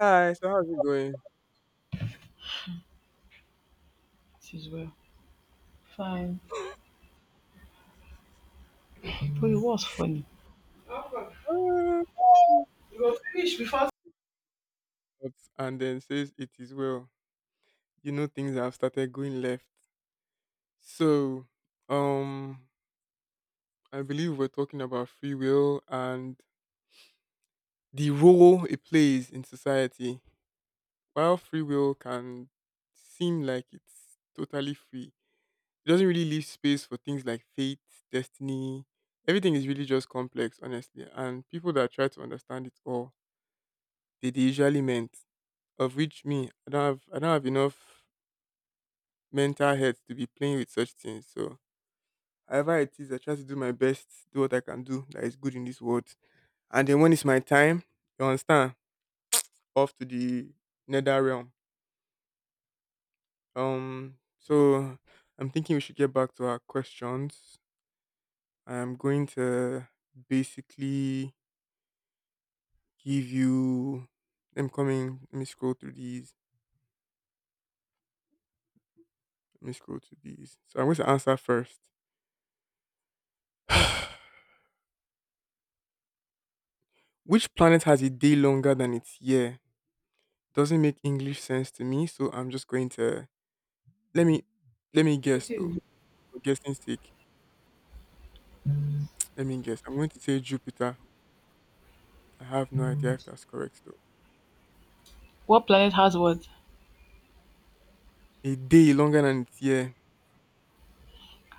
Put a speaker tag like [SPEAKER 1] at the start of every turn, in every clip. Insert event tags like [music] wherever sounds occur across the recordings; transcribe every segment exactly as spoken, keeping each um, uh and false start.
[SPEAKER 1] Hi, so how's it going?
[SPEAKER 2] It is well. Fine. But it was funny.
[SPEAKER 1] "Ah, but- and then says it is well. You know things have started going left. So, um, I believe we're talking about free will and the role it plays in society. While free will can seem like it's totally free, it doesn't really leave space for things like fate, destiny. Everything is really just complex, honestly. And people that try to understand it all, they, they usually meant. Of which me, I don't have I don't have enough mental health to be playing with such things. So however it is, I try to do my best, do what I can do that is good in this world. And then when it's my time, you understand, off to the nether realm. Um so I'm thinking we should get back to our questions. I'm going to basically give you, I'm coming, let me scroll through these. Let me scroll through these. So I'm going to answer first. Which planet has a day longer than its year? Doesn't make English sense to me, so I'm just going to, let me let me guess
[SPEAKER 2] What is
[SPEAKER 1] though.
[SPEAKER 2] it?
[SPEAKER 1] For guessing sake, let me guess. I'm going to say Jupiter. I have no idea if that's correct though.
[SPEAKER 2] What planet has what?
[SPEAKER 1] A day longer than its year.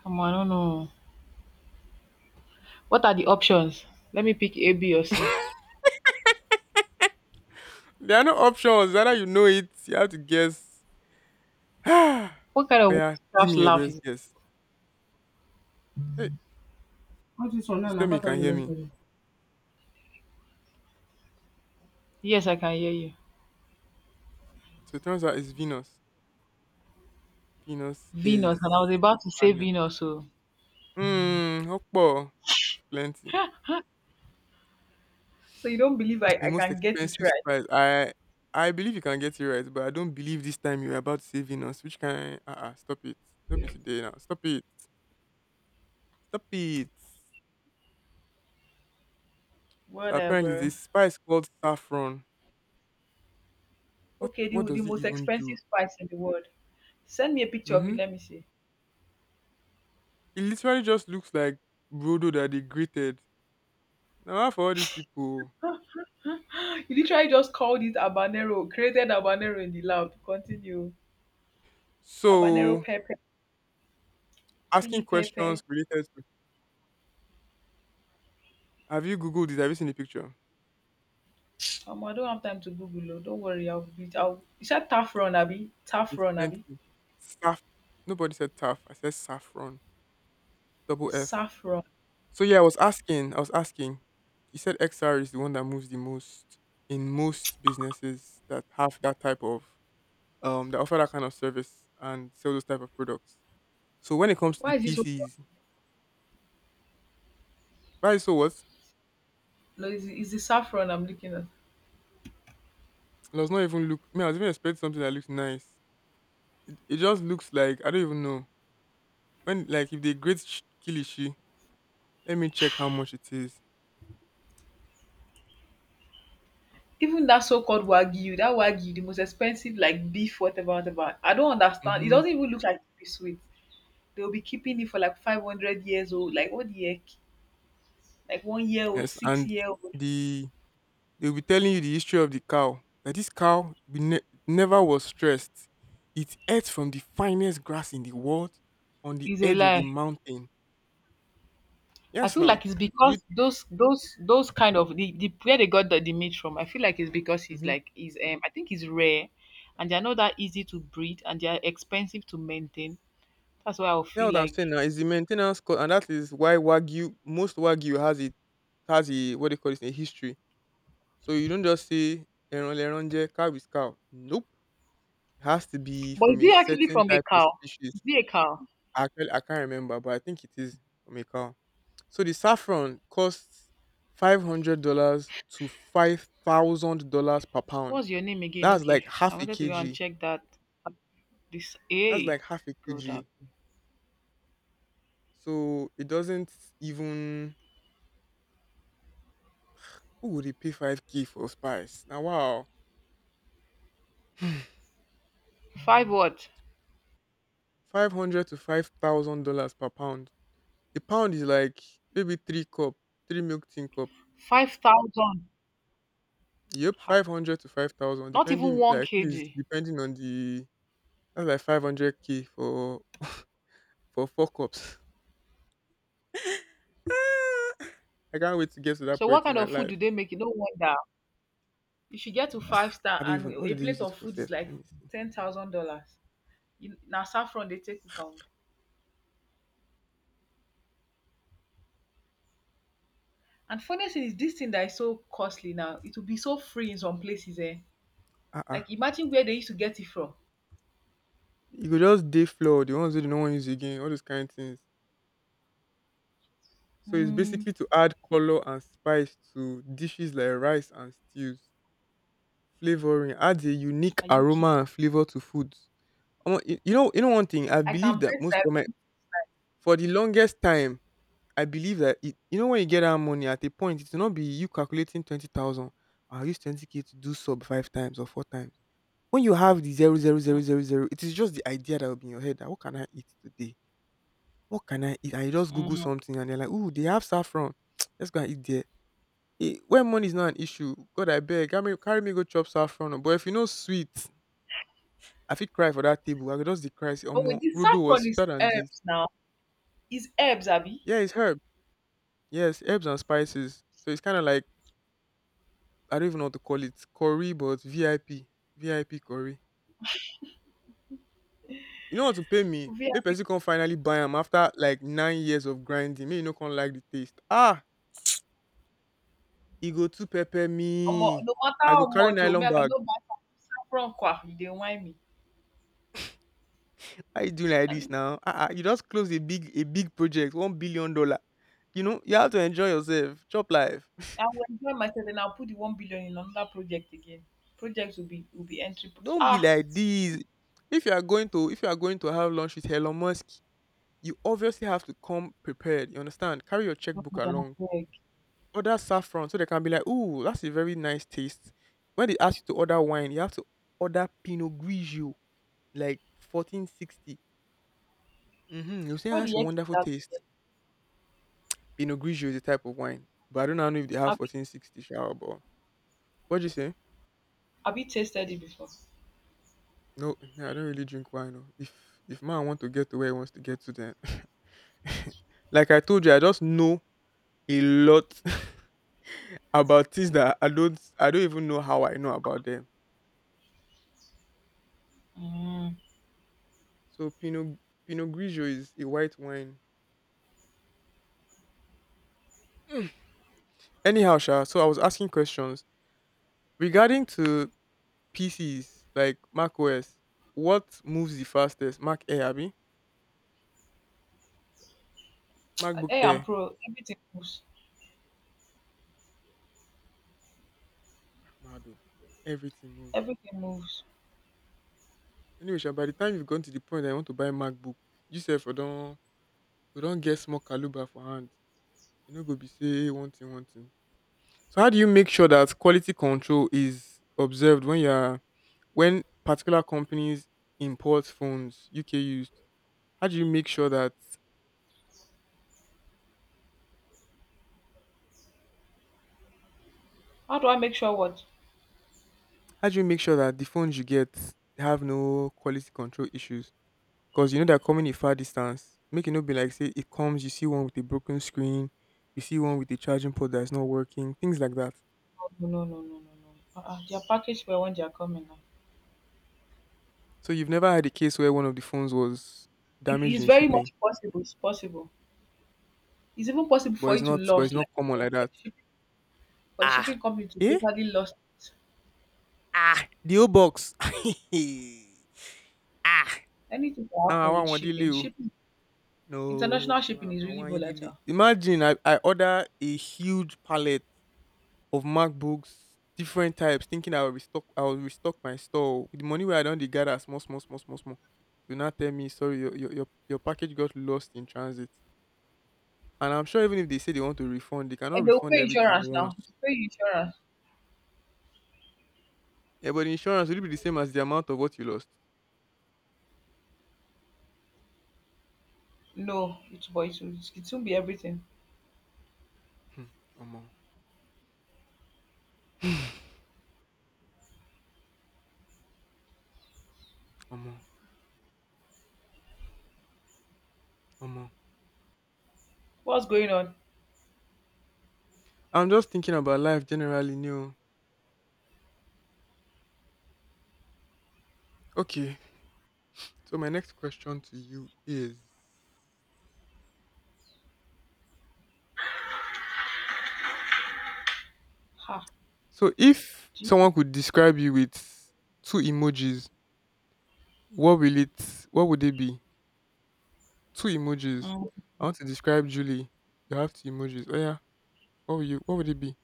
[SPEAKER 2] Come on, I don't know. What are the options? Let me pick A, B, or C.
[SPEAKER 1] There are no options. Either you know it, you have to guess. [sighs] Oh,
[SPEAKER 2] What kind of
[SPEAKER 1] yeah, give
[SPEAKER 2] witchcraft
[SPEAKER 1] me your
[SPEAKER 2] laugh
[SPEAKER 1] best
[SPEAKER 2] is
[SPEAKER 1] guess. Hey,
[SPEAKER 2] Not this one now,
[SPEAKER 1] please tell
[SPEAKER 2] na
[SPEAKER 1] me you
[SPEAKER 2] part of
[SPEAKER 1] can
[SPEAKER 2] the
[SPEAKER 1] hear me.
[SPEAKER 2] recording. Yes, I can hear you.
[SPEAKER 1] So it turns out it's Venus. Venus is
[SPEAKER 2] Venus, and I was about
[SPEAKER 1] the
[SPEAKER 2] to say
[SPEAKER 1] planet.
[SPEAKER 2] Venus, so.
[SPEAKER 1] Hmm, Okpo. It's plenty.
[SPEAKER 2] So you don't believe I,
[SPEAKER 1] The
[SPEAKER 2] I
[SPEAKER 1] most
[SPEAKER 2] can get it
[SPEAKER 1] expensive
[SPEAKER 2] right?
[SPEAKER 1] spice. I I believe you can get it right, but I don't believe this time you're about saving us, which can, uh-uh, stop it. Don't be today now. Stop it. Stop it. So apparently
[SPEAKER 2] Whatever.
[SPEAKER 1] this spice called saffron. What
[SPEAKER 2] Okay,
[SPEAKER 1] what
[SPEAKER 2] the, the
[SPEAKER 1] does it
[SPEAKER 2] most
[SPEAKER 1] even do?
[SPEAKER 2] expensive spice in the world. Send me a picture of
[SPEAKER 1] Mm-hmm.
[SPEAKER 2] it, let me see.
[SPEAKER 1] It literally just looks like brodo that they grated. Now how for all these people.
[SPEAKER 2] [laughs] You literally just called it habanero, created habanero in the lab. Continue. Habanero
[SPEAKER 1] So
[SPEAKER 2] pepper.
[SPEAKER 1] asking
[SPEAKER 2] Chili
[SPEAKER 1] questions
[SPEAKER 2] pepper.
[SPEAKER 1] related to, have you Googled it? Have you seen the picture?
[SPEAKER 2] Omo, I don't have time to Google oh. Don't worry, I'll be I'll Is that saffron, Abby?
[SPEAKER 1] It's
[SPEAKER 2] Saffron, Abby.
[SPEAKER 1] plenty. Saff. Nobody said tough. I said saffron. Double F.
[SPEAKER 2] Saffron.
[SPEAKER 1] So yeah, I was asking, I was asking. You said X R is the one that moves the most in most businesses that have that type of, um that offer that kind of service and sell those type of products. So when it comes to the
[SPEAKER 2] Why is it so
[SPEAKER 1] P Cs, why, so what?
[SPEAKER 2] No, it's the it's the saffron I'm looking at.
[SPEAKER 1] It does not even look. I mean, I was even expecting something that looks nice. It just looks like, I don't even know, when, like, if they grade sh- Kilishi. Let me check how much it is.
[SPEAKER 2] Even that so-called wagyu, that wagyu, the most expensive like beef, whatever, whatever. I don't understand. It
[SPEAKER 1] Mm-hmm.
[SPEAKER 2] doesn't even look like it is sweet. They'll be keeping it for like five hundred years old. Like what the heck? Like one year old,
[SPEAKER 1] Yes,
[SPEAKER 2] six
[SPEAKER 1] and
[SPEAKER 2] year old.
[SPEAKER 1] the they'll be telling you the history of the cow. That this cow be ne- never was stressed. It ate from the finest grass in the world on the
[SPEAKER 2] Is a
[SPEAKER 1] edge of a
[SPEAKER 2] lie.
[SPEAKER 1] mountain.
[SPEAKER 2] I
[SPEAKER 1] Yes,
[SPEAKER 2] feel
[SPEAKER 1] now.
[SPEAKER 2] like it's
[SPEAKER 1] You,
[SPEAKER 2] because those those those kind of the, the where they got the, the meat from. I feel like it's because he's
[SPEAKER 1] mm-hmm.
[SPEAKER 2] like he's um I think he's rare, and they're not that easy to breed, and they're expensive to maintain. That's why I will
[SPEAKER 1] That's
[SPEAKER 2] feel
[SPEAKER 1] what I'm saying
[SPEAKER 2] like.
[SPEAKER 1] now. It's the maintenance cost, and that is why Wagyu, most Wagyu, has it, has a, what they call it, a history. So you don't just say Leron Leron cow is cow. Nope. It has to be
[SPEAKER 2] But is
[SPEAKER 1] from a
[SPEAKER 2] he actually
[SPEAKER 1] certain
[SPEAKER 2] from a
[SPEAKER 1] type of
[SPEAKER 2] cow? Is
[SPEAKER 1] species.
[SPEAKER 2] he a cow?
[SPEAKER 1] Actually, I can't remember, but I think it is from a cow. So the saffron costs five hundred dollars to five thousand dollars per pound.
[SPEAKER 2] What's your name again?
[SPEAKER 1] That's like
[SPEAKER 2] Okay,
[SPEAKER 1] half
[SPEAKER 2] I
[SPEAKER 1] a
[SPEAKER 2] wanted to go and
[SPEAKER 1] kg.
[SPEAKER 2] check that. This
[SPEAKER 1] That's
[SPEAKER 2] a
[SPEAKER 1] like half a
[SPEAKER 2] good
[SPEAKER 1] kg.
[SPEAKER 2] up.
[SPEAKER 1] So it doesn't even, who would he pay five K for spice? Now wow. [sighs]
[SPEAKER 2] Five what?
[SPEAKER 1] Five hundred to five thousand dollars per pound. A pound is like maybe three cup, three milk tin cup.
[SPEAKER 2] Five thousand.
[SPEAKER 1] Yep,
[SPEAKER 2] Ha.
[SPEAKER 1] five hundred to five thousand,
[SPEAKER 2] Not even
[SPEAKER 1] depending,
[SPEAKER 2] one
[SPEAKER 1] like I think it's
[SPEAKER 2] kg.
[SPEAKER 1] depending on the, that's like five hundred K for for four cups. [laughs] [laughs] Ah, I can't wait to get to that
[SPEAKER 2] So what
[SPEAKER 1] point in
[SPEAKER 2] kind
[SPEAKER 1] my
[SPEAKER 2] of food do
[SPEAKER 1] life.
[SPEAKER 2] they make? No wonder. If you get to five
[SPEAKER 1] Ah, I
[SPEAKER 2] star
[SPEAKER 1] don't
[SPEAKER 2] and
[SPEAKER 1] even. What
[SPEAKER 2] a
[SPEAKER 1] did they use
[SPEAKER 2] plate
[SPEAKER 1] it
[SPEAKER 2] of
[SPEAKER 1] for,
[SPEAKER 2] food
[SPEAKER 1] Seth?
[SPEAKER 2] is like
[SPEAKER 1] Let me see.
[SPEAKER 2] ten thousand dollars, na saffron they take cook am. And funny thing is this thing that is so costly now, it will be so free in some places eh?
[SPEAKER 1] Ah, uh-uh.
[SPEAKER 2] Like imagine where they used to get it from.
[SPEAKER 1] You could [laughs] just day floor the ones that no one use again, all those kind of things. So it's
[SPEAKER 2] Hmm,
[SPEAKER 1] basically to add color and spice to dishes like rice and stews. Flavoring adds a unique
[SPEAKER 2] are you kidding?
[SPEAKER 1] aroma and flavor to foods. Omo, You you know, you know one thing. I
[SPEAKER 2] I can
[SPEAKER 1] believe that
[SPEAKER 2] bet
[SPEAKER 1] most, for my,
[SPEAKER 2] that
[SPEAKER 1] for the longest time, I believe that it, you know, when you get that money at a point, it will not be you calculating twenty thousand. I'll use twenty k to do sub five times or four times. When you have the zero zero zero zero zero, it is just the idea that will be in your head that, "What can I eat today? What can I eat?" And you just Google
[SPEAKER 2] um
[SPEAKER 1] something and you're like, "Ooh, they have saffron. [tsk] Let's go and eat there." Eh, when money is not an issue, God, I beg, carry me carry me go chop saffron oo. But if you know sweet, I feel cry for that table. I go just dey cry say,
[SPEAKER 2] but with
[SPEAKER 1] "Omo,
[SPEAKER 2] this
[SPEAKER 1] Rudo was
[SPEAKER 2] saffron is
[SPEAKER 1] sweeter than this."
[SPEAKER 2] herbs now, is herbs abi.
[SPEAKER 1] Yeah, it's herb. Yes, herbs and spices. So it's kinda like, I don't even know what to call it. Curry but V I P. V I P curry. You know want to pay me?
[SPEAKER 2] V I
[SPEAKER 1] Make
[SPEAKER 2] P.
[SPEAKER 1] person come finally buy am after like nine years of grinding. Make you no come like the taste. Ah! E go too pepper
[SPEAKER 2] Omo,
[SPEAKER 1] me.
[SPEAKER 2] no matter
[SPEAKER 1] I
[SPEAKER 2] how
[SPEAKER 1] go carry
[SPEAKER 2] much oh, me
[SPEAKER 1] nylon
[SPEAKER 2] I
[SPEAKER 1] bag.
[SPEAKER 2] cannot buy saffron kwa, you dey whine
[SPEAKER 1] How you doing like this
[SPEAKER 2] me.
[SPEAKER 1] now? Ah ah! You just close a big a big project, one billion dollar. You know you have to enjoy yourself, chop life.
[SPEAKER 2] I will enjoy myself and I'll put the one billion in another project again. Projects will be will be entry.
[SPEAKER 1] [laughs]
[SPEAKER 2] Pro-
[SPEAKER 1] Don't be
[SPEAKER 2] Ah,
[SPEAKER 1] like this. If you are going to if you are going to have lunch with Elon Musk, you obviously have to come prepared. You understand? Carry your
[SPEAKER 2] God,
[SPEAKER 1] checkbook
[SPEAKER 2] I
[SPEAKER 1] along.
[SPEAKER 2] beg.
[SPEAKER 1] Order saffron so they can be like, "Ooh, that's a very nice taste." When they ask you to order wine, you have to order Pinot Grigio, like fourteen sixty. Mhm, you say, "Ah,
[SPEAKER 2] What
[SPEAKER 1] that's
[SPEAKER 2] the
[SPEAKER 1] a
[SPEAKER 2] heck is
[SPEAKER 1] wonderful
[SPEAKER 2] that?
[SPEAKER 1] taste." Pinot Grigio is a type of wine, but I don't know if they have
[SPEAKER 2] Have you,
[SPEAKER 1] fourteen sixty sha, but what did you say?
[SPEAKER 2] have you tasted it before?
[SPEAKER 1] No, me, I don't really drink wine oh. If if man want to get to where he wants to get to, then [laughs] like I told you, I just know a lot [laughs] about things that I don't I don't even know how I know about them.
[SPEAKER 2] Mm.
[SPEAKER 1] So Pinot Pinot Grigio is a white wine. Anyhow, sha, so I was asking questions regarding to P Cs like Mac O S. What moves the fastest? Mac Air, abi? MacBook
[SPEAKER 2] Hey, I'm
[SPEAKER 1] Air.
[SPEAKER 2] pro. Everything moves.
[SPEAKER 1] Mado. Everything moves.
[SPEAKER 2] Everything moves.
[SPEAKER 1] Anyway, sha, by the time you've gone to the point that you want to buy MacBook, you say for do don don't get small caliber for hand. You know, go be say one thing one thing. So how do you make sure that quality control is observed when you are when particular companies import phones U K used? How do you make sure that
[SPEAKER 2] How do I make sure what?
[SPEAKER 1] How do you make sure that the phones you get have no quality control issues? Because you know they're coming a far distance. Make it not be like say it comes, you see one with a broken screen, you see one with a charging port that's not working, things like that.
[SPEAKER 2] Oh, No, no, no, no, no, no. Uh-uh. They are packaged well when they are coming now.
[SPEAKER 1] So you've never had a case where one of the phones was
[SPEAKER 2] If
[SPEAKER 1] damaged
[SPEAKER 2] it's
[SPEAKER 1] in
[SPEAKER 2] very
[SPEAKER 1] shipping,
[SPEAKER 2] much possible, it's possible. It's even possible
[SPEAKER 1] but
[SPEAKER 2] for
[SPEAKER 1] it's
[SPEAKER 2] you to
[SPEAKER 1] not, but
[SPEAKER 2] lose,
[SPEAKER 1] it's not
[SPEAKER 2] like
[SPEAKER 1] common
[SPEAKER 2] you know,
[SPEAKER 1] like
[SPEAKER 2] for,
[SPEAKER 1] that.
[SPEAKER 2] the shipping, for the
[SPEAKER 1] Ah,
[SPEAKER 2] shipping company to
[SPEAKER 1] eh?
[SPEAKER 2] totally lose it.
[SPEAKER 1] Ah, the old box. [laughs] Ah, ah,
[SPEAKER 2] Anything can
[SPEAKER 1] I
[SPEAKER 2] happen with
[SPEAKER 1] want one delay.
[SPEAKER 2] shipping.
[SPEAKER 1] O.
[SPEAKER 2] Shipping International
[SPEAKER 1] No,
[SPEAKER 2] shipping
[SPEAKER 1] ma'am,
[SPEAKER 2] is
[SPEAKER 1] mama,
[SPEAKER 2] really
[SPEAKER 1] one delay.
[SPEAKER 2] volatile.
[SPEAKER 1] Imagine I, I order a huge pallet of MacBooks, different types, thinking I will restock I will restock my store. With the money where I don dey gather small, small, small, small, small, dey will now tell me sorry, your your your your package got lost in transit. And I'm sure even if they say they want to refund, they cannot
[SPEAKER 2] And they will
[SPEAKER 1] refund
[SPEAKER 2] pay
[SPEAKER 1] everything
[SPEAKER 2] insurance now.
[SPEAKER 1] once.
[SPEAKER 2] They pay you insurance.
[SPEAKER 1] Yeah, but the insurance will be the same as the amount of what you lost?
[SPEAKER 2] No, it but it will it won't be everything.
[SPEAKER 1] Hmm, omo, [sighs] omo, omo.
[SPEAKER 2] What's going on?
[SPEAKER 1] I'm just thinking about life generally new. Okay, so my next question to you is,
[SPEAKER 2] Ha.
[SPEAKER 1] so if
[SPEAKER 2] Jesus.
[SPEAKER 1] someone could describe you with two emojis, What will it what would it be? two emojis.
[SPEAKER 2] Mm.
[SPEAKER 1] I want to describe Julie. You have two emojis. Oh, yeah. what will you what would it be?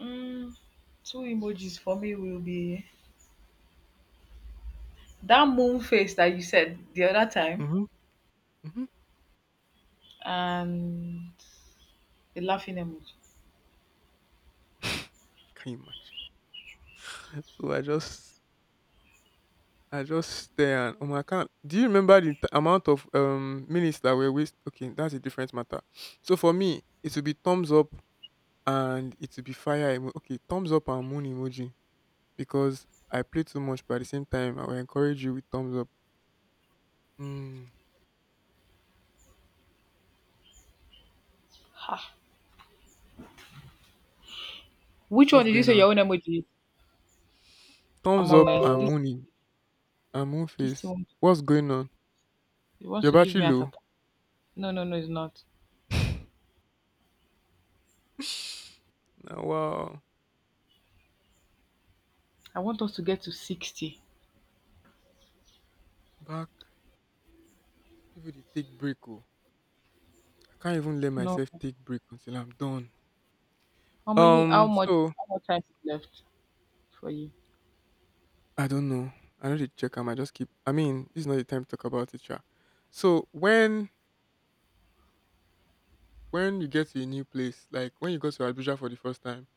[SPEAKER 2] Mm, two emojis for me will be that moon face that you said the other time
[SPEAKER 1] Mhm, mhm.
[SPEAKER 2] and the laughing emoji.
[SPEAKER 1] [laughs] Can you imagine? So I just I just stare and, um, I can't, do you remember the t amount of, um, minutes that were waste? Okay, that's a different matter. So for me, it would be thumbs up and it would be fire emo okay, thumbs up and moon emoji, because I play too much, but at the same time, I will encourage you with thumbs up. Mm,
[SPEAKER 2] Ha. Which one
[SPEAKER 1] what's
[SPEAKER 2] did you
[SPEAKER 1] going
[SPEAKER 2] say
[SPEAKER 1] on?
[SPEAKER 2] your own emoji? Is?
[SPEAKER 1] Thumbs
[SPEAKER 2] Omo
[SPEAKER 1] up
[SPEAKER 2] man,
[SPEAKER 1] and
[SPEAKER 2] this
[SPEAKER 1] moon e I'm
[SPEAKER 2] this thing
[SPEAKER 1] Moonface.
[SPEAKER 2] wants-
[SPEAKER 1] What's going on?
[SPEAKER 2] it
[SPEAKER 1] Your
[SPEAKER 2] wants to give
[SPEAKER 1] battery
[SPEAKER 2] me a
[SPEAKER 1] low?
[SPEAKER 2] tap. No, no, no, it's not.
[SPEAKER 1] [laughs] Now, wow.
[SPEAKER 2] I want us to get to sixty.
[SPEAKER 1] Back, people they take break. Oh. I can't even let
[SPEAKER 2] No.
[SPEAKER 1] myself take break until I'm done.
[SPEAKER 2] How many? How
[SPEAKER 1] Um,
[SPEAKER 2] much?
[SPEAKER 1] so
[SPEAKER 2] How much time is left for you?
[SPEAKER 1] I don't know. I know they check. I might just keep. I mean, this is not the time to talk about it, yeah. So when when you get to a new place, like when you go to Abuja for the first time,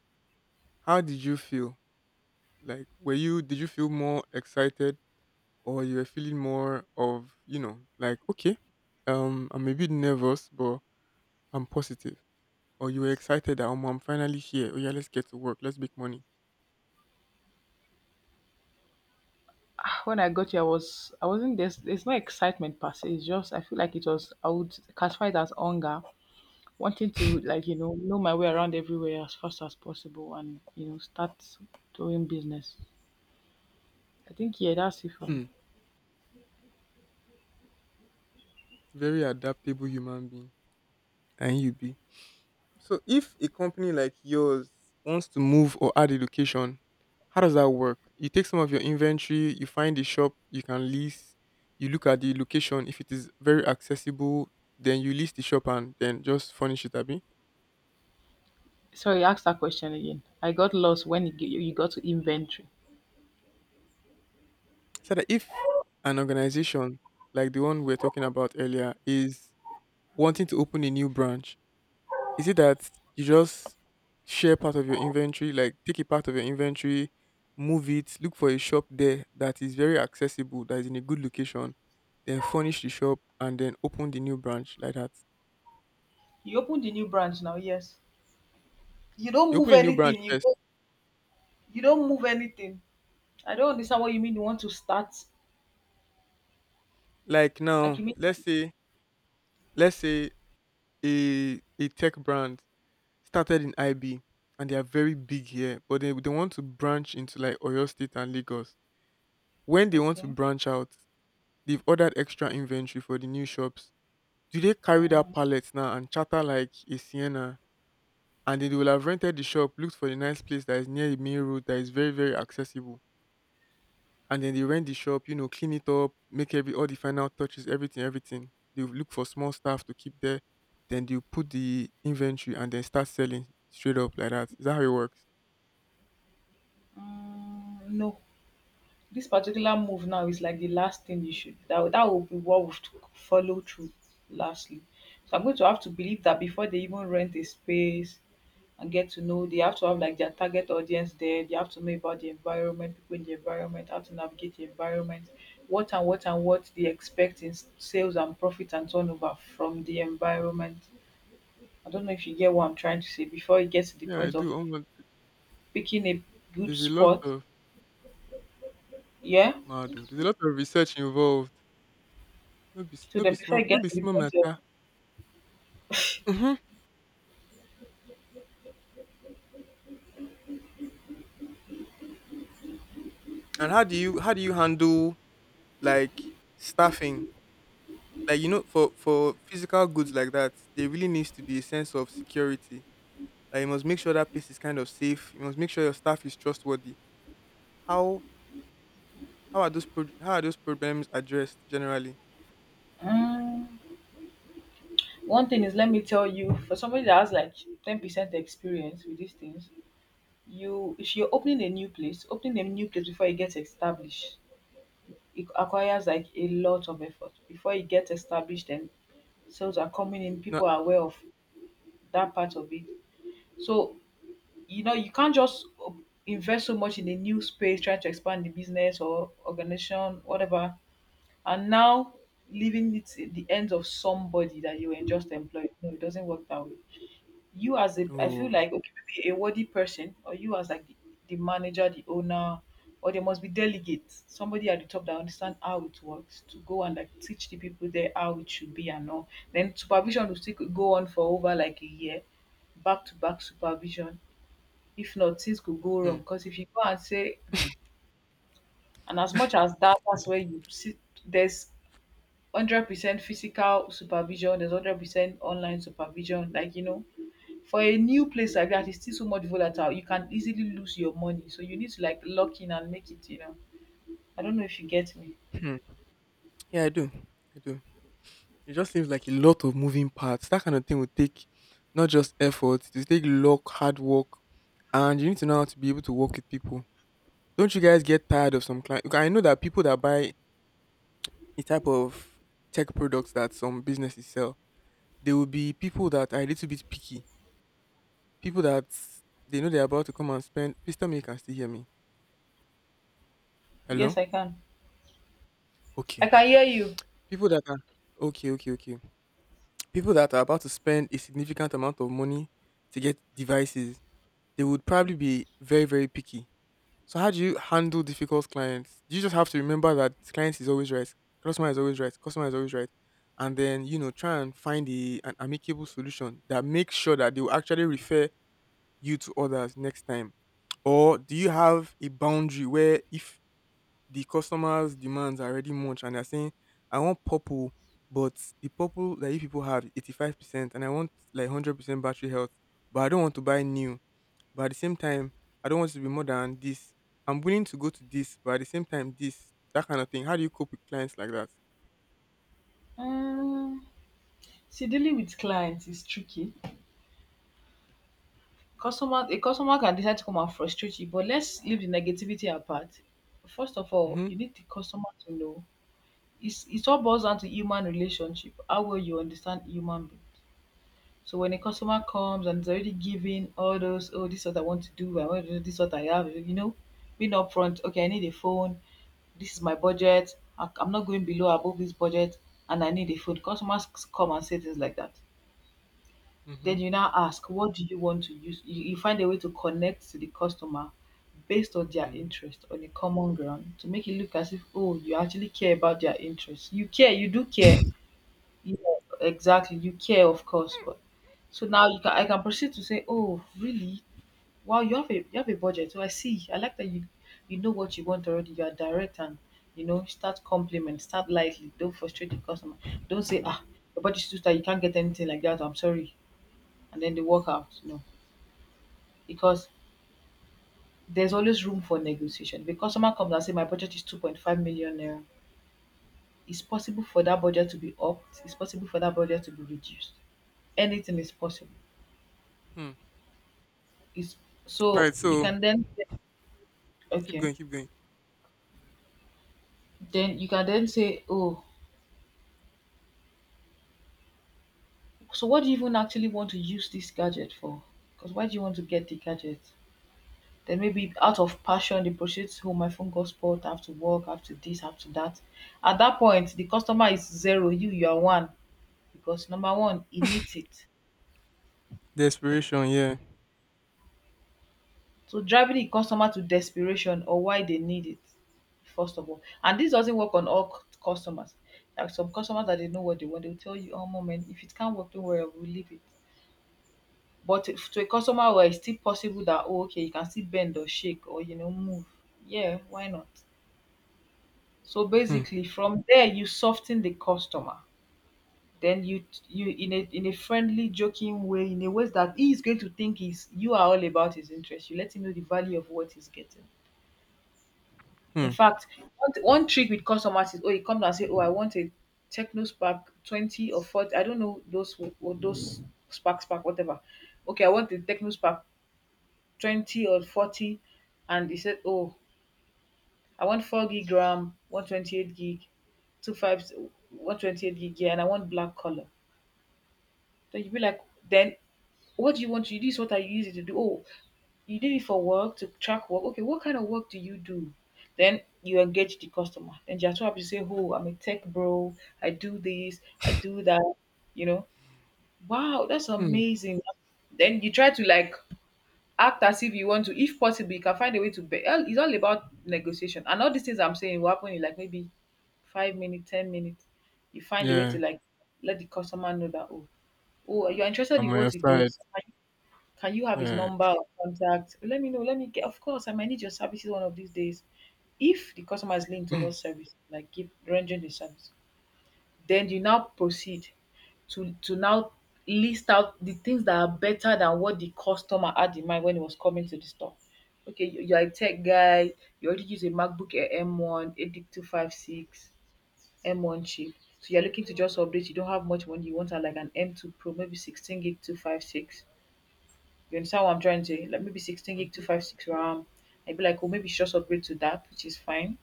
[SPEAKER 1] how did you feel? Like, were you did you feel more excited, or you were feeling more of you know, like okay, um, I'm a bit nervous, but I'm positive. Or you were excited that "Omo, I'm finally here. Oh yeah, let's get to work. Let's make money."
[SPEAKER 2] [sighs] Ah, when I got here, I was I wasn't there's there's no excitement per se. It's just I feel like it was I would classify it as hunger, wanting to like you know know my way around everywhere as fast as possible and you know start doing business. I think yeah, that's it for me.
[SPEAKER 1] Hmm. Very adaptable human being. And you be. So if a company like yours wants to move or add a location, how does that work? You take some of your inventory, you find a shop you can lease, you look at the location. If it is very accessible, then you lease the shop and then just furnish it, Abi.
[SPEAKER 2] Sorry, ask that question again. I got lost when it, you you got to inventory.
[SPEAKER 1] So that if an organization like the one we we're talking about earlier is wanting to open a new branch. Is it that you just share part of your inventory, like take a part of your inventory, move it, look for a shop there that is very accessible, that is in a good location, then furnish the shop and then open the new branch like that?
[SPEAKER 2] You opened the new branch now, yes. You don't
[SPEAKER 1] You
[SPEAKER 2] move
[SPEAKER 1] open a new branch
[SPEAKER 2] anything. You
[SPEAKER 1] first.
[SPEAKER 2] go, you don't move anything. I don't understand what you mean. You want to start
[SPEAKER 1] Like
[SPEAKER 2] like
[SPEAKER 1] now,
[SPEAKER 2] you mean
[SPEAKER 1] let's say let's say a a tech brand started in I B, and they are very big here, but they, they want to branch into like Oyo State and Lagos. When they want to
[SPEAKER 2] Okay.
[SPEAKER 1] branch out, they've ordered extra inventory for the new shops. Do they carry that
[SPEAKER 2] Mm,
[SPEAKER 1] pallet now and chatter like a Sienna? And then they will have rented the shop, looked for a nice place that is near the main road that is very, very accessible. And then they rent the shop, you know, clean it up, make every all the final touches, everything, everything. They will look for small staff to keep there. Then they will put the inventory and then start selling straight up like that. Is that how it works?
[SPEAKER 2] mm, no. This particular move now is like the last thing you should that that will be what would follow through lastly. So I'm going to have to believe that before they even rent a space and get to know, they have to have like their target audience there. They have to know about the environment, people in the environment, how to navigate the environment, what and what and what they expect in s- sales and profit and turnover from the environment. I don't know if you get what I'm trying to say before it gets to the
[SPEAKER 1] Yeah, I
[SPEAKER 2] point of
[SPEAKER 1] do. Almost,
[SPEAKER 2] picking a good
[SPEAKER 1] there's a lot
[SPEAKER 2] spot.
[SPEAKER 1] of
[SPEAKER 2] Yeah.
[SPEAKER 1] Madu. There's a lot of research involved. No be
[SPEAKER 2] So
[SPEAKER 1] no be
[SPEAKER 2] then before
[SPEAKER 1] small
[SPEAKER 2] it
[SPEAKER 1] no
[SPEAKER 2] gets
[SPEAKER 1] be
[SPEAKER 2] to the
[SPEAKER 1] small
[SPEAKER 2] point of
[SPEAKER 1] matter. Mm-hmm. And how do you how do you handle like staffing? Like you know, for for physical goods like that, there really needs to be a sense of security. Like you must make sure that place is kind of safe. You must make sure your staff is trustworthy. How how are those pro- how are those problems addressed generally?
[SPEAKER 2] Mm, one thing is, let me tell you, for somebody that has like ten percent experience with these things, you if you're opening a new place, opening a new place before it gets established, it acquires like a lot of effort. Before it gets established and sales are coming in,
[SPEAKER 1] No.
[SPEAKER 2] people are aware of that part of it. So, you know, you can't just op- invest so much in a new space, trying to expand the business or organization, whatever, and now leaving it at the hands of somebody that you were just employed. No, it doesn't work that way. You as a I feel
[SPEAKER 1] Oh.
[SPEAKER 2] like okay maybe a worthy person or you as like the, the manager the owner or there must be delegates somebody at the top that understand how it works to go and like teach the people there how it should be and all then supervision will still could go on for over like a year back to back supervision if not things could go wrong
[SPEAKER 1] Hmm.
[SPEAKER 2] because if you go and say "Hmm," and as much as that that's where you sit there's one hundred percent physical supervision there's one hundred percent online supervision like you know for a new place like that, it's still so much volatile. You can easily lose your money. So you need to like lock in and make it, you know. I don't know if you get me.
[SPEAKER 1] Hmm. Yeah, I do. I do. It just seems like a lot of moving parts. That kind of thing would take not just effort, it will take luck, hard work, and you need to know how to be able to work with people. Don't you guys get tired of some clients? I know that people that buy the type of tech products that some businesses sell, there will be people that are a little bit picky. People that they know they're about to come and spend. Please tell me you can still hear me.
[SPEAKER 2] Yes,
[SPEAKER 1] Hello?
[SPEAKER 2] I can. I
[SPEAKER 1] Okay.
[SPEAKER 2] can hear you.
[SPEAKER 1] People that are Okay, okay, okay. People that are about to spend a significant amount of money to get devices, they would probably be very, very picky. So how do you handle difficult clients? Do you just have to remember that client is always right, customer is always right, customer is always right, and then you know try and find a, an amicable solution that makes sure that they will actually refer you to others next time, or do you have a boundary where if the customer's demands are already much and they're saying I want purple, but the purple that you people have eighty five percent, and I want like one hundred percent battery health, but I don't want to buy new, but at the same time, I don't want it to be more than this. I'm willing to go to this, but at the same time, this, that kind of thing. How do you cope with clients like that?
[SPEAKER 2] Um, see, dealing with clients is tricky. Customer, a customer can decide to come and frustrate you, but let's leave the negativity apart. First of all,
[SPEAKER 1] Mhm,
[SPEAKER 2] you need the customer to know. It's, it all boils down to human relationship, how well you understand human being. So when a customer comes and is already giving all those, oh, this is what I want to do, I want to do this is what I have, you know, being upfront, okay, I need a phone, this is my budget, I- I'm not going below above this budget, and I need a phone. Customers come and say things like that.
[SPEAKER 1] mhm,
[SPEAKER 2] Then you now ask, what do you want to use? You, you find a way to connect to the customer based on their
[SPEAKER 1] mhm.
[SPEAKER 2] interest on a common ground to make it look as if oh you actually care about their interests you care you do care yeah, exactly you care of course but so now you can I can proceed to say, "Oh, really? Wow, you have a you have a budget. So I see. I like that you you know what you want already. You are direct and you know start compliment, start lightly. Don't frustrate the customer. Don't say ah your budget is too tight. You can't get anything like that. I'm sorry." And then they walk out. No, because there's always room for negotiation. If a customer comes and say, "My budget is two point five million naira," it's possible for that budget to be upped. It's possible for that budget to be reduced. Anything is possible.
[SPEAKER 1] Hmm.
[SPEAKER 2] It's
[SPEAKER 1] All
[SPEAKER 2] So
[SPEAKER 1] right,
[SPEAKER 2] you
[SPEAKER 1] so
[SPEAKER 2] can then say,
[SPEAKER 1] keep
[SPEAKER 2] okay.
[SPEAKER 1] going, keep going.
[SPEAKER 2] Then you can then say, oh, so what do you even actually want to use this gadget for? Because why do you want to get the gadget? Then maybe out of passion, they purchase, oh, my phone got spoiled, I have to work, I have to this, I have to that. At that point, the customer is zero, you, you are one. Because number one, he needs it.
[SPEAKER 1] Desperation, yeah.
[SPEAKER 2] So driving the customer to desperation or why they need it, first of all. And this doesn't work on all c- customers. Like some customers that they know what they want, they'll tell you, oh, moment, if it can't work, don't worry, we'll leave it. But if to a customer well, it's still possible that oh, okay, you can still bend or shake or you know move. Yeah, why not? So
[SPEAKER 1] Hmm,
[SPEAKER 2] basically, from there you soften the customer. Then you you in a in a friendly, joking way, in a way that he is going to think is you are all about his interest. You let him know the value of what he's getting. In
[SPEAKER 1] hmm,
[SPEAKER 2] fact, one, one trick with customers is, oh, he comes and say, oh, I want a Techno Spark twenty or forty. I don't know those wo- wo- those Spark Spark whatever. Okay, I want the Techno Spark twenty or forty, and he said, oh, I want four gig RAM, one twenty-eight gig, two five, one twenty eight gig, yeah, and I want black color. Then you be like, then what do you want to use? What are you using to do? Oh, you did it for work, to track work. Okay, what kind of work do you do? Then you engage the customer. Then you're too happy to say, oh, I'm a tech bro. I do this, I do that, you know. Wow, that's
[SPEAKER 1] hmm.
[SPEAKER 2] amazing. Then you try to like act as if you want to, if possible you can find a way to be all- it's all about negotiation, and all these things I'm saying will happen in like maybe five minutes, ten minutes. You find a way
[SPEAKER 1] Yeah,
[SPEAKER 2] to like let the customer know that, oh oh you're interested
[SPEAKER 1] I'm
[SPEAKER 2] in
[SPEAKER 1] on
[SPEAKER 2] what
[SPEAKER 1] your
[SPEAKER 2] he
[SPEAKER 1] side.
[SPEAKER 2] does. Can you, can you have his
[SPEAKER 1] Yeah.
[SPEAKER 2] number or contact? Let me know, let me get, of course, I might need your services one of these days. If the customer is leaning
[SPEAKER 1] [clears throat] Hmm.
[SPEAKER 2] towards service, like give rendering the service, then you now proceed to to now list out the things that are better than what the customer had in mind when he was coming to the store. Okay, you you are a tech guy, you already use a MacBook Air M one, A D I C two five six, M one chip. So you're looking to just update, you don't have much money, you want a, like an M two Pro, maybe sixteen gig two five six. You understand what I'm trying to say? Like maybe sixteen gig
[SPEAKER 1] Mhm,
[SPEAKER 2] two five six RAM. I'd be like, oh, maybe just upgrade to that, which is fine.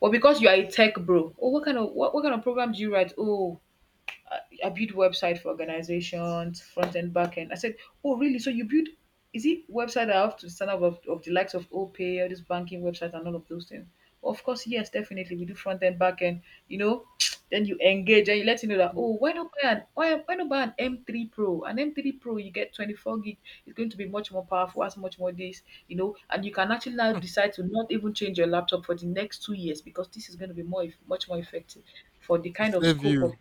[SPEAKER 2] But because you are a tech bro, oh, what kind of what, what kind of program do you write? Oh, uh, I build website for organizations, front and back end. I said, oh really? So you build? Is it website that I have to stand up of, of the likes of OPay, all these banking websites and all of those things? Of course, yes, definitely we do front end, back end. You know, [tsk] then you engage and you let you know that,
[SPEAKER 1] mhm.
[SPEAKER 2] oh, why not buy an why, why not buy an M three Pro. An M three Pro you get twenty-four gig. It's going to be much more powerful, has much more this, you know, and you can actually now decide to not even change your laptop for the next two years because this is going to be more eff- much more effective for the
[SPEAKER 1] To
[SPEAKER 2] kind of
[SPEAKER 1] serve
[SPEAKER 2] scope of.
[SPEAKER 1] you.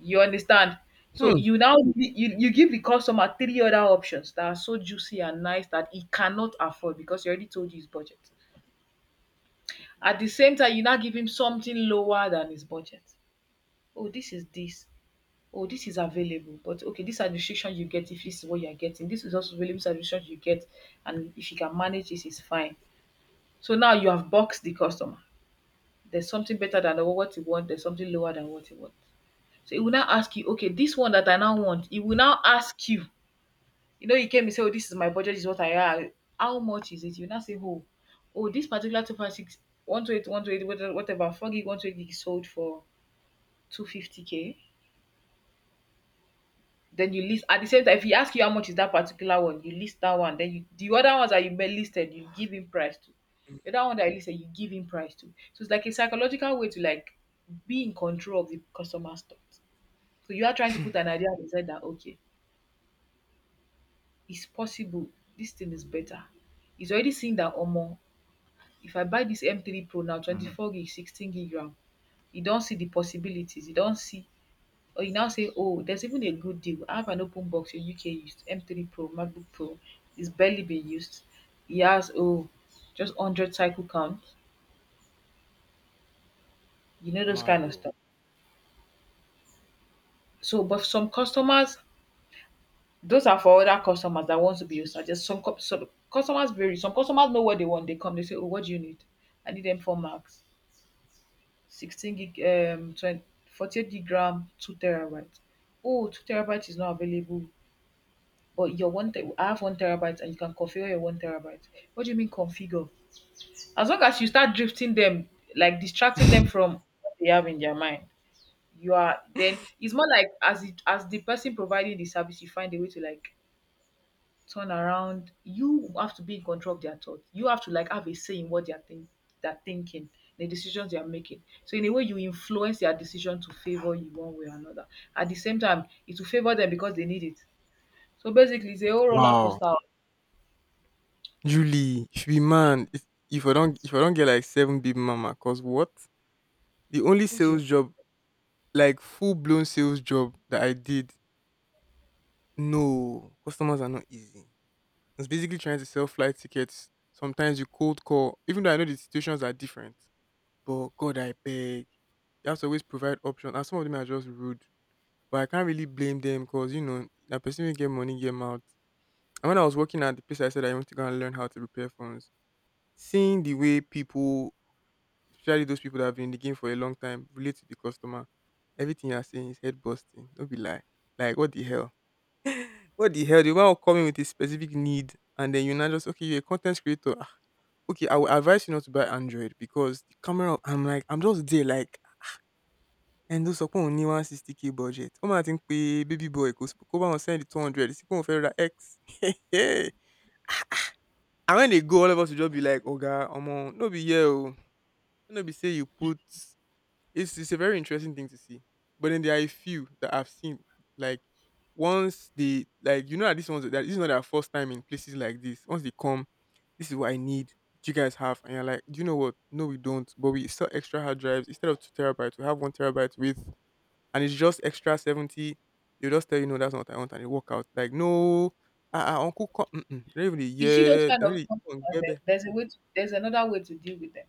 [SPEAKER 2] You understand? So
[SPEAKER 1] Hmm.
[SPEAKER 2] you now you, you give the customer three other options that are so juicy and nice that he cannot afford because you already told you his budget. At the same time, you now give him something lower than his budget. Oh, this is this. Oh, this is available. But okay, these are the restrictions you get if this is what you are getting. This is also available, these are the restrictions you get. And if you can manage this, it's fine. So now you have boxed the customer. There's something better than what you want, there's something lower than what you want. So he will now ask you, okay, this one that I now want, he will now ask you. You know, you came and say, "Oh, this is my budget, this is what I have. How much is it?" You now say, "Oh, oh, this particular two five six, one twenty-eight, one twenty-eight, whate- whatever, whatever, four gig, one twenty-eight gig sold for two fifty k" Then you list at the same time, if he asks you how much is that particular one, you list that one. Then you, the other ones that you may listed, you give him price to. The other one that I listed, you give him price to. So it's like a psychological way to like be in control of the customer's thoughts. So you are trying to put an idea inside that, okay, it's possible. This thing is better. He's already seen that, Omo, if I buy this M three Pro now, twenty four gig sixteen gig ram, you don't see the possibilities. You don't see. Or you now say, oh, there's even a good deal. I have an open box, in U K used M three Pro MacBook Pro, is barely been used. E has, oh, just one hundred cycle count, you know those kind
[SPEAKER 1] Mad
[SPEAKER 2] of
[SPEAKER 1] oh.
[SPEAKER 2] stuff. So, but some customers, those are for other customers that want to be nostalgic. Some co some customers vary. Some customers know what they want, they come, they say, "Oh, what do you need?" "I need M four Max, sixteen gig, um twen gig ram, two terabyte." "Oh, two terabyte is not available, but your one te I have one terabyte and you can configure your one terabyte." "What do you mean configure?" As long as you start drifting them, like distracting them from what they have in their mind, you are then, it's more like, as it as the person providing the service, you find a way to like turn around. You have to be in control of their thoughts. You have to like have a say in what they're think they're thinking, the decisions they are making. So in a way you influence their decision to favor you one way or another. At the same time, it will favor them because they need it. So basically it's a whole roller
[SPEAKER 1] Wow.
[SPEAKER 2] coaster. Of
[SPEAKER 1] Julie, if you should be man, if, if I don't if I don't get like seven big mama, cause what? The only
[SPEAKER 2] you
[SPEAKER 1] sales job Like, full blown sales job that I did, no, customers are not easy. I was basically trying to sell flight tickets. Sometimes you cold call, even though I know the situations are different. But God, I beg. You have to always provide options. And some of them are just rude. But I can't really blame them because, you know, that person will get money, get mouth. And when I was working at the place, I said I want to go and learn how to repair phones. Seeing the way people, especially those people that have been in the game for a long time, relate to the customer, everything you're saying is head busting. Don't be lie. Like, what the hell? What the hell? The woman will come in with a specific need, and then you now just okay, you're a content creator. Ah, okay, I will advise you not to buy Android because the camera. I'm like, I'm just there like, and those are only one sixty k budget. Oh my, I think pé baby boy go come and send the two hundred. This people fair X. [laughs] And when they go, all of us will just be like, Oga, omo, no be here. Oh. No be say you put. It's it's a very interesting thing to see. But then there are a few that I've seen like once they, like, you know that this one's that this is not their first time in places like this. Once they come, this is what I need. Do you guys have? And you're like, do you know what? No, we don't. But we sell extra hard drives instead of two terabytes. We have one terabyte with, and it's just extra seventy. They just tell you no, that's not what I want, and they walk out. Like no, uh, uh uncle, come. Mm-mm. They don't even dey
[SPEAKER 2] you see those
[SPEAKER 1] hear. They
[SPEAKER 2] kind of
[SPEAKER 1] don't even
[SPEAKER 2] customers,
[SPEAKER 1] get.
[SPEAKER 2] eh, there's a way to, there's another way to deal with them.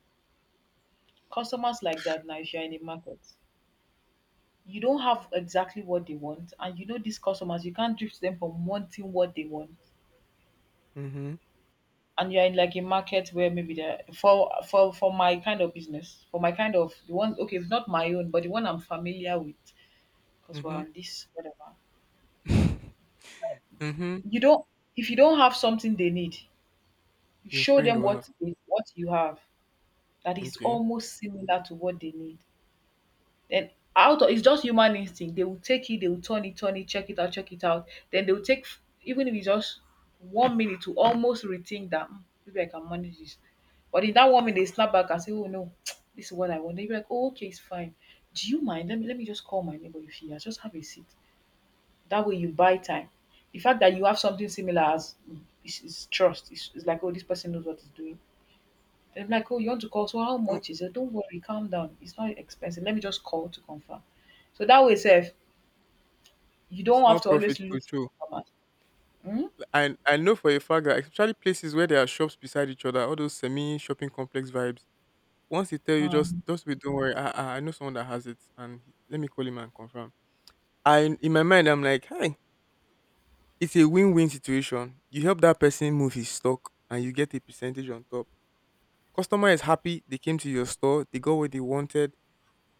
[SPEAKER 2] Customers like that now, if you're in the market, you don't have exactly what they want, and you know these customers, you can't drift them from wanting what they want,
[SPEAKER 1] Mm-hmm.
[SPEAKER 2] and you're in like a market where maybe there for for for my kind of business, for my kind of the one, okay, it's not my own, but the one I'm familiar with, because we're
[SPEAKER 1] Mm-hmm.
[SPEAKER 2] on this whatever.
[SPEAKER 1] [laughs] mm-hmm.
[SPEAKER 2] You don't If you don't have something they need,
[SPEAKER 1] Your
[SPEAKER 2] show
[SPEAKER 1] friend
[SPEAKER 2] them
[SPEAKER 1] will have.
[SPEAKER 2] what what you have that is
[SPEAKER 1] Okay.
[SPEAKER 2] almost similar to what they need. Then out of it's just human instinct. They will take it, they will turn it, turn it, check it out, check it out. Then they will take, even if it's just one minute, to almost rethink that, "Hmm, maybe I can manage this." But in that one minute they snap back and say, "Oh no, [tsk] this is what I want." Then you're like, "Oh, okay, it's fine. Do you mind? Let me let me just call my neighbor if he has. Just have a seat." That way you buy time. The fact that you have something similar as is, is trust. It's, it's like, oh, this person knows what he's doing. They'll be like, "Oh, you want to call? So how
[SPEAKER 1] No,
[SPEAKER 2] much is it?" "Don't worry, calm down. It's not expensive. Let me just call to confirm." So that way sef, you don't
[SPEAKER 1] small
[SPEAKER 2] have to
[SPEAKER 1] profits
[SPEAKER 2] always
[SPEAKER 1] go
[SPEAKER 2] lose
[SPEAKER 1] show.
[SPEAKER 2] customers. Hmm?
[SPEAKER 1] Like, I I know for a fact that especially places where there are shops beside each other, all those semi shopping complex vibes. Once they tell you just
[SPEAKER 2] Um,
[SPEAKER 1] just wait, don't worry. I I I know someone that has it, and he- let me call him and confirm. I In my mind I'm like, hey, it's a win win situation. You help that person move his stock, and you get a percentage on top. Customer is happy. They came to your store. They got what they wanted.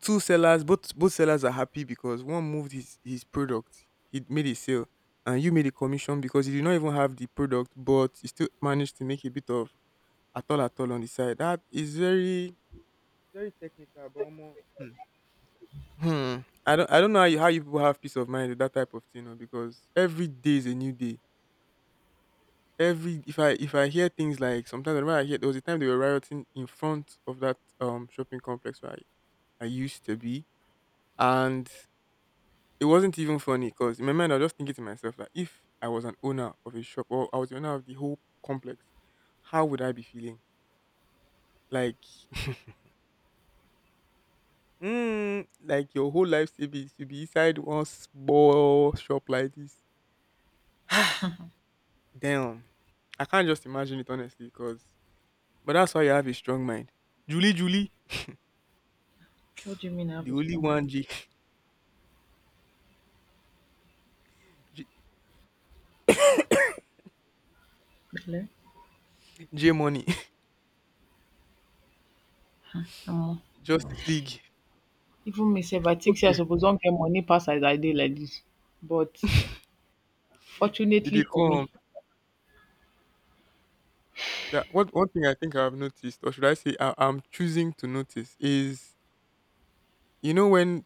[SPEAKER 1] Two sellers, both both sellers are happy because one moved his his product, he made a sale, and you made a commission because you did not even have the product, but you still managed to make a bit of at all at all on the side. That is very, very technical, but omo, hmm. Hmm, i don't i don't know how you, how you people have peace of mind with that type of thing oh, because every day is a new day. Every If i if i hear things, like sometimes I remember I hear there was a time they were rioting in front of that um shopping complex where i, I used to be, and it wasn't even funny because in my mind I was just thinking to myself that if I was an owner of a shop or I was the owner of the whole complex, how would I be feeling? Like, [laughs] mm, like your whole life should be should be inside one small shop like this. [sighs] Damn, I can't just imagine it honestly because. But that's why you have a strong mind. Julie, Julie,
[SPEAKER 2] what do you mean I have
[SPEAKER 1] the
[SPEAKER 2] a
[SPEAKER 1] only
[SPEAKER 2] strong
[SPEAKER 1] one
[SPEAKER 2] man?
[SPEAKER 1] J. [laughs] J,
[SPEAKER 2] Hello?
[SPEAKER 1] J Money.
[SPEAKER 2] Omo,
[SPEAKER 1] [laughs] Justice League.
[SPEAKER 2] even me sef, I think say I
[SPEAKER 1] Okay,
[SPEAKER 2] suppose don get money pass as I did like this. But
[SPEAKER 1] he
[SPEAKER 2] fortunately
[SPEAKER 1] they
[SPEAKER 2] for
[SPEAKER 1] come.
[SPEAKER 2] me,
[SPEAKER 1] Yeah, what one thing I think I've noticed, or should I say, I, I'm choosing to notice is, you know, when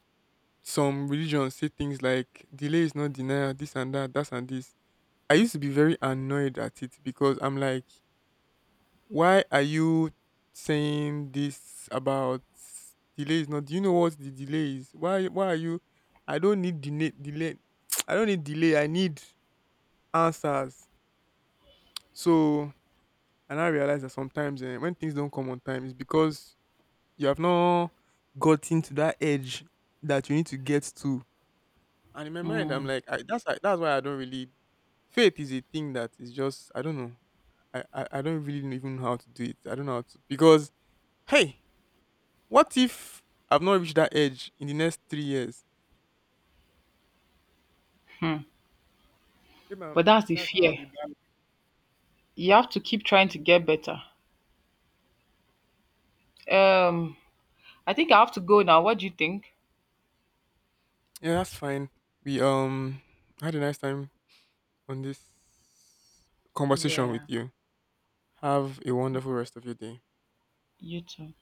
[SPEAKER 1] some religions say things like delay is not denial, this and that, that's and this. I used to be very annoyed at it because I'm like, why are you saying this about delay is not? Do you know what the delay is? Why? Why are you? I don't need delay. Delay. [tsk] I don't need delay. I need answers. So, and I realize that sometimes eh, when things don't come on time, it's because you have not gotten to that edge that you need to get to. And in my mind, I'm
[SPEAKER 2] um,
[SPEAKER 1] like, I, that's why- that's why I don't really. Faith is a thing that is just I don't know. I, I I don't really even know how to do it. I don't know how to because hey, what if I've not reached that edge in the next three years?
[SPEAKER 2] hmm,
[SPEAKER 1] Maybe I
[SPEAKER 2] but that's the
[SPEAKER 1] That's how I'll
[SPEAKER 2] fear.
[SPEAKER 1] be back.
[SPEAKER 2] You have to keep trying to get better. Um, I think I have to go now. What do you think?
[SPEAKER 1] Yeah, that's fine. We um had a nice time on this conversation with
[SPEAKER 2] Yeah,
[SPEAKER 1] you. Have a wonderful rest of your day.
[SPEAKER 2] you too.